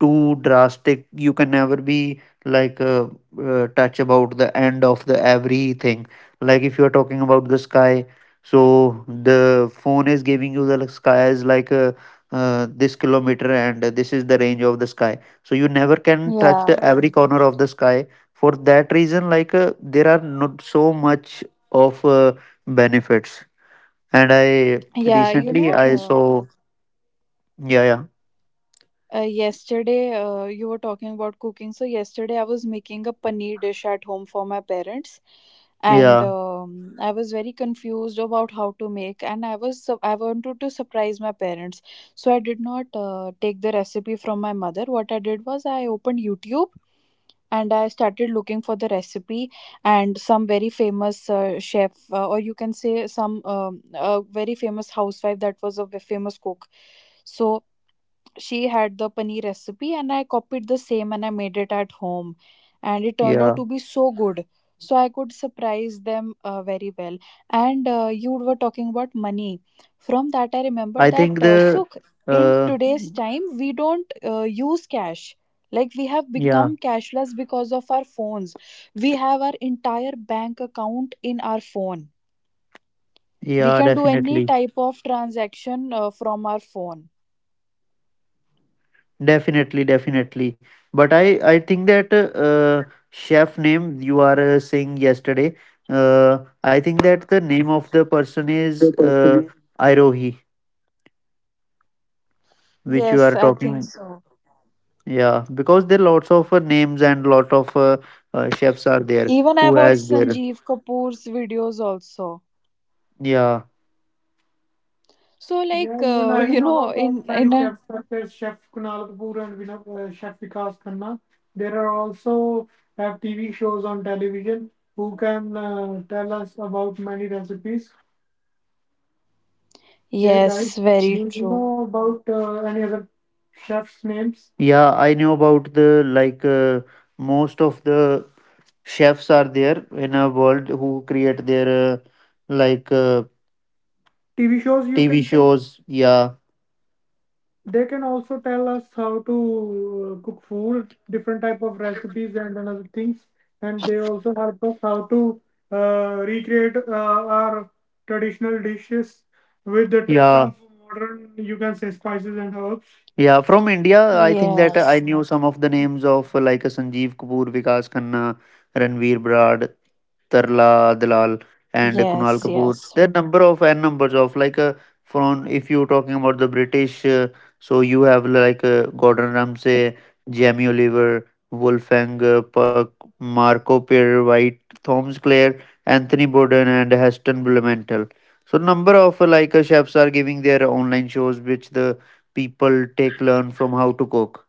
too drastic. You can never be like touch about the end of the everything. Like if you're talking about the sky, so the phone is giving you the like, sky is like this kilometer, and this is the range of the sky, so you never can touch Yeah. the every corner of the sky. For that reason, like there are not so much of benefits. And I Yeah, you recently know, I uh, saw, yeah, yeah, Yesterday, you were talking about cooking. So yesterday, I was making a paneer dish at home for my parents, and yeah, I was very confused about how to make. And I was I wanted to surprise my parents, so I did not take the recipe from my mother. What I did was I opened YouTube and I started looking for the recipe and some very famous chef, or you can say some a very famous housewife that was a famous cook. So she had the paneer recipe and I copied the same and I made it at home and it turned out yeah, to be so good. So I could surprise them very well. And you were talking about money. From that, I remembered I that, think the Sukh, in uh today's time, we don't use cash. Like we have yeah, become cashless because of our phones. We have our entire bank account in our phone. We yeah, can do any definitely, type of transaction from our phone. definitely, definitely, but I think that chef name you are saying yesterday, I think that the name of the person is Irohi which you are Yes, I think talking. so. Yeah, because there are lots of names and lot of chefs are there Even I who watch has their, Sanjeev Kapoor's videos also. yeah. So Yeah, like even I you know know about many in a chefs such as Chef Kunal Kapoor and Vinod, Chef Vikas Khanna. There are also have TV shows on television who can tell us about many recipes. Hey guys, yes, do very you true. know about any other chefs' names? Yeah, I know about the like most of the chefs are there in a world who create their like uh, TV shows, you TV can say? Shows. Yeah. They can also tell us how to cook food, different type of recipes and another things. And they also help us how to recreate our traditional dishes with the touch, yeah, of modern, you can say, spices and herbs. Yeah, from India, I think that I Yes. knew some of the names of Sanjeev Kapoor, Vikas Khanna, Ranveer Brad, Tarla Dalal, and Kunal Yes, Kapoor. yes, There are number of n numbers of like from, if you're talking about the British, so you have like Gordon Ramsay, Jamie Oliver, Wolfgang Puck, Marco Pierre White, Thomas Clare, Anthony Borden, and Heston Blumenthal. So number of chefs are giving their online shows, which the people take, learn from, how to cook.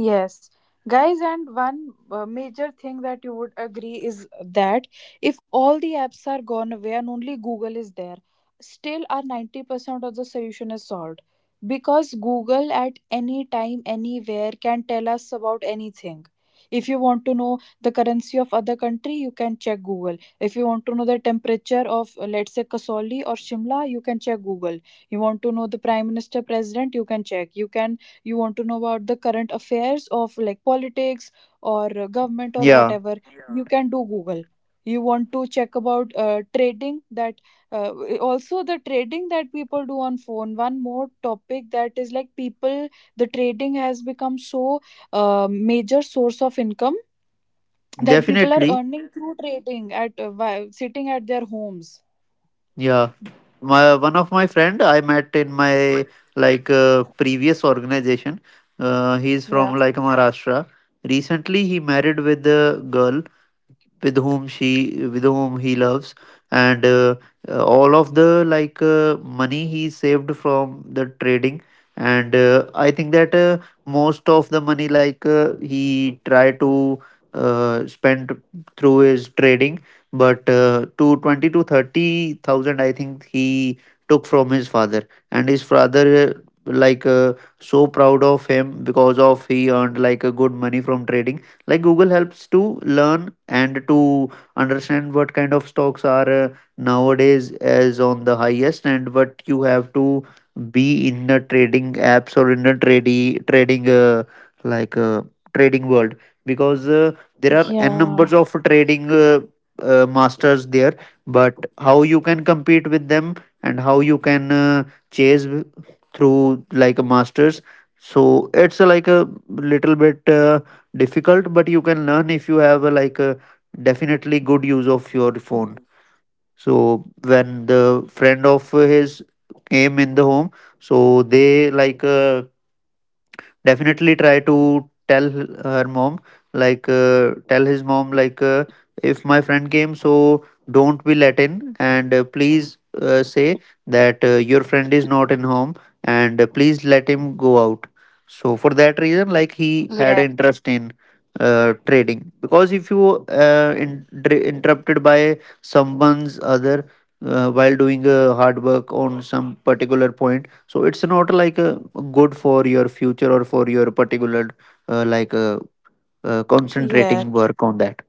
yes, guys, and one major thing that you would agree is that if all the apps are gone away and only Google is there, still our 90% of the solution is solved because Google at any time, anywhere can tell us about anything. If you want to know the currency of other country, you can check Google. If you want to know the temperature of, let's say, Kasauli or Shimla, you can check Google. You want to know the prime minister, president, you can check. You want to know about the current affairs of, like, politics or government or Yeah, whatever. Yeah, you can do Google. You want to check about trading, that uh, also the trading that people do on phone. One more topic that is like people, the trading has become so major source of income that people are definitely. earning through trading at, while sitting at their homes. Yeah, my one of my friend I met in my like previous organization. He's from Yeah, like Maharashtra. Recently, he married with a girl with whom she with whom he loves, and all of the like money he saved from the trading, and I think that most of the money like he tried to spend through his trading, but to 20 to 30 thousand I think he took from his father, and his father like so proud of him because of he earned like a good money from trading. Like Google helps to learn and to understand what kind of stocks are nowadays as on the highest, and what you have to be in the trading apps or in the trade trading like trading world, because there are n yeah, numbers of trading masters there, but how you can compete with them and how you can chase through like a masters, so it's like a little bit difficult, but you can learn if you have a, like a definitely good use of your phone. So when the friend of his came in the home, so they like definitely try to tell her mom, like tell his mom, like if my friend came, so don't be let in, and please say that your friend is not in home, and please let him go out. So for that reason, like he had interest in trading, because if you in, interrupted by someone's other while doing a hard work on some particular point, so it's not like good for your future or for your particular uh, like uh, yeah. concentrating work on that.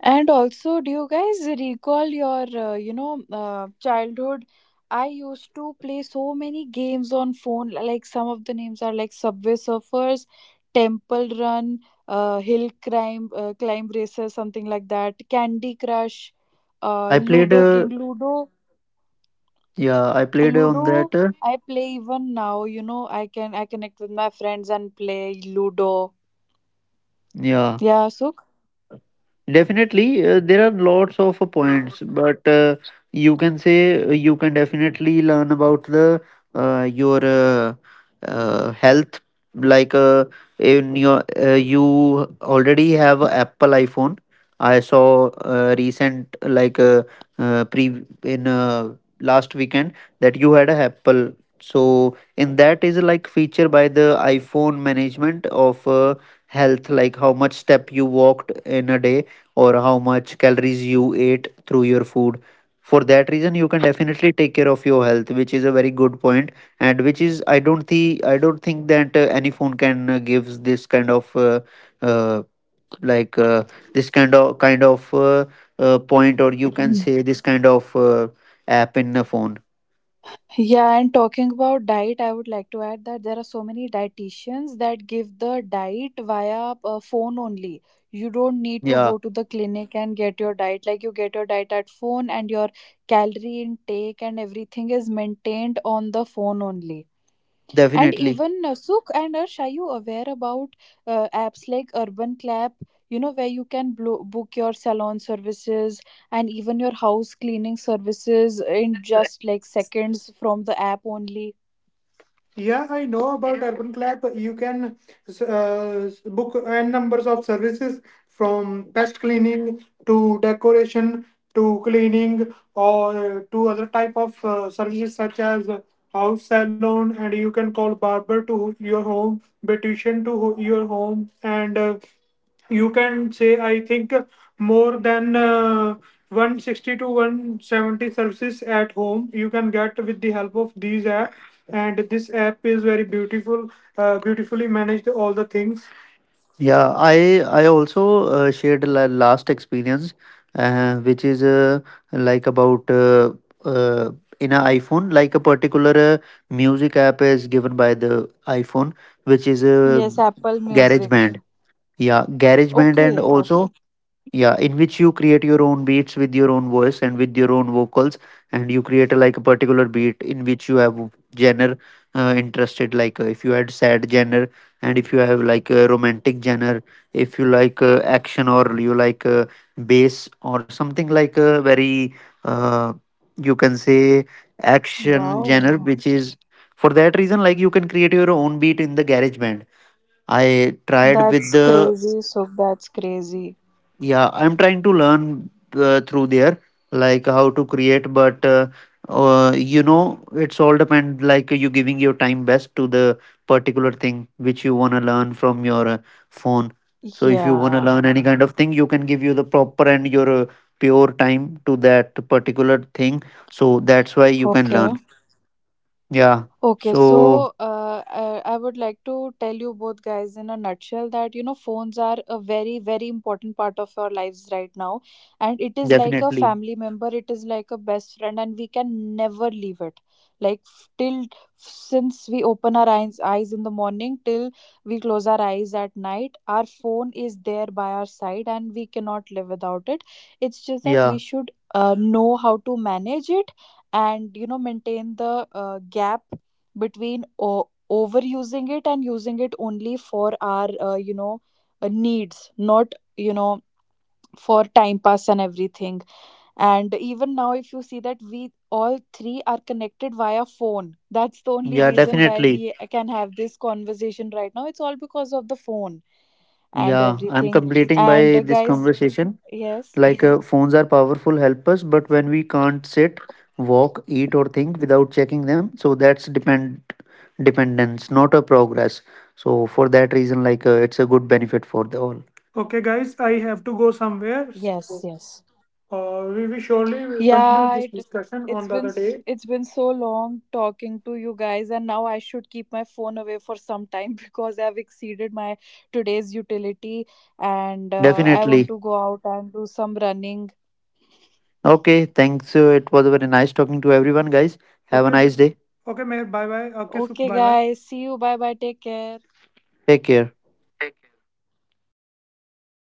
And also, do you guys recall your, childhood? I used to play so many games on phone. Like some of the names are like Subway Surfers, Temple Run, Hill Climb, Climb Racer, something like that. Candy Crush, I played Ludo King, Ludo, yeah, I played on Ludo. that, I play even now. You know, I connect with my friends and play Ludo. yeah. Yeah, so. Definitely, there are lots of points, but you can say you can definitely learn about the your health. Like in your you already have a Apple iPhone. I saw recent like pre in last weekend that you had a Apple. So in that is like feature by the iPhone, management of health, like how much step you walked in a day or how much calories you ate through your food. For that reason, you can definitely take care of your health, which is a very good point, and which is I don't think that any phone can gives this kind of uh, like uh, this kind of point, or you can say *coughs* this *clears throat* kind of app in a phone. Yeah, and talking about diet, I would like to add that there are so many dietitians that give the diet via phone only. You don't need to Yeah, go to the clinic and get your diet. Like you get your diet at phone and your calorie intake and everything is maintained on the phone only. And definitely. even, Sukh and Arsh, are you aware about apps like Urban Clap? You know, where you can book your salon services and even your house cleaning services in just like seconds from the app only. Yeah, I know about Urban Clap. You can book n numbers of services from pest cleaning to decoration to cleaning or to other type of services, such as house salon, and you can call barber to your home, beautician to your home, and you can say I think more than 160 to 170 services at home you can get with the help of these app, and this app is very beautiful, beautifully managed all the things. Yeah, I also shared la last experience, which is like about uh, in an iPhone, like a particular music app is given by the iPhone, which is a Yes, Apple Music. GarageBand. Yeah, GarageBand, and Okay, okay. also yeah, in which you create your own beats with your own voice and with your own vocals, and you create a, like a particular beat in which you have genre interested. Like if you had sad genre, and if you have like a romantic genre, if you like action, or you like bass or something like a very uh, you can say action genre, Wow. which is, for that reason, like you can create your own beat in the GarageBand. I tried with That's the, crazy. So that's crazy. yeah, I'm trying to learn through there, like how to create, but you know, it's all depend like you giving your time best to the particular thing which you want to learn from your phone. So if you want to Yeah. learn any kind of thing, you can give you the proper and your pure time to that particular thing. So that's why you can Okay. learn. Yeah. Okay, So so I would like to tell you both guys in a nutshell that phones are a very very important part of our lives right now, and it is like a definitely. family member, it is like a best friend, and we can never leave it. Like till since we open our eyes in the morning till we close our eyes at night, our phone is there by our side, and we cannot live without it. It's just that we Yeah. should know how to manage it and maintain the gap between overusing it and using it only for our needs, not for time pass and everything, and even now, if you see that we all three are connected via phone, that's the only Yeah, reason why definitely. we can have this conversation right now. It's all because of the phone and Yeah, I'm everything. completing And by this guys, conversation. yes, Like phones are powerful helpers, but when we can't sit, walk, eat, or think without checking them, so that's dependence, not a progress. So for that reason, like it's a good benefit for the all. Okay, guys, I have to go yes, somewhere. yes. So, we will surely continue Yeah, this it discussion on it's the been other s- day. it's been so long talking to you guys, and now I should keep my phone away for some time *laughs* because I've exceeded my today's utility, and I want Definitely. to go out and do some running. Okay, thanks. It was very nice talking to everyone, guys. Have a, okay, nice day. Okay, bye bye. Okay, Sukh, Okay, bye bye. guys, see you. Bye bye. Take care. Take care.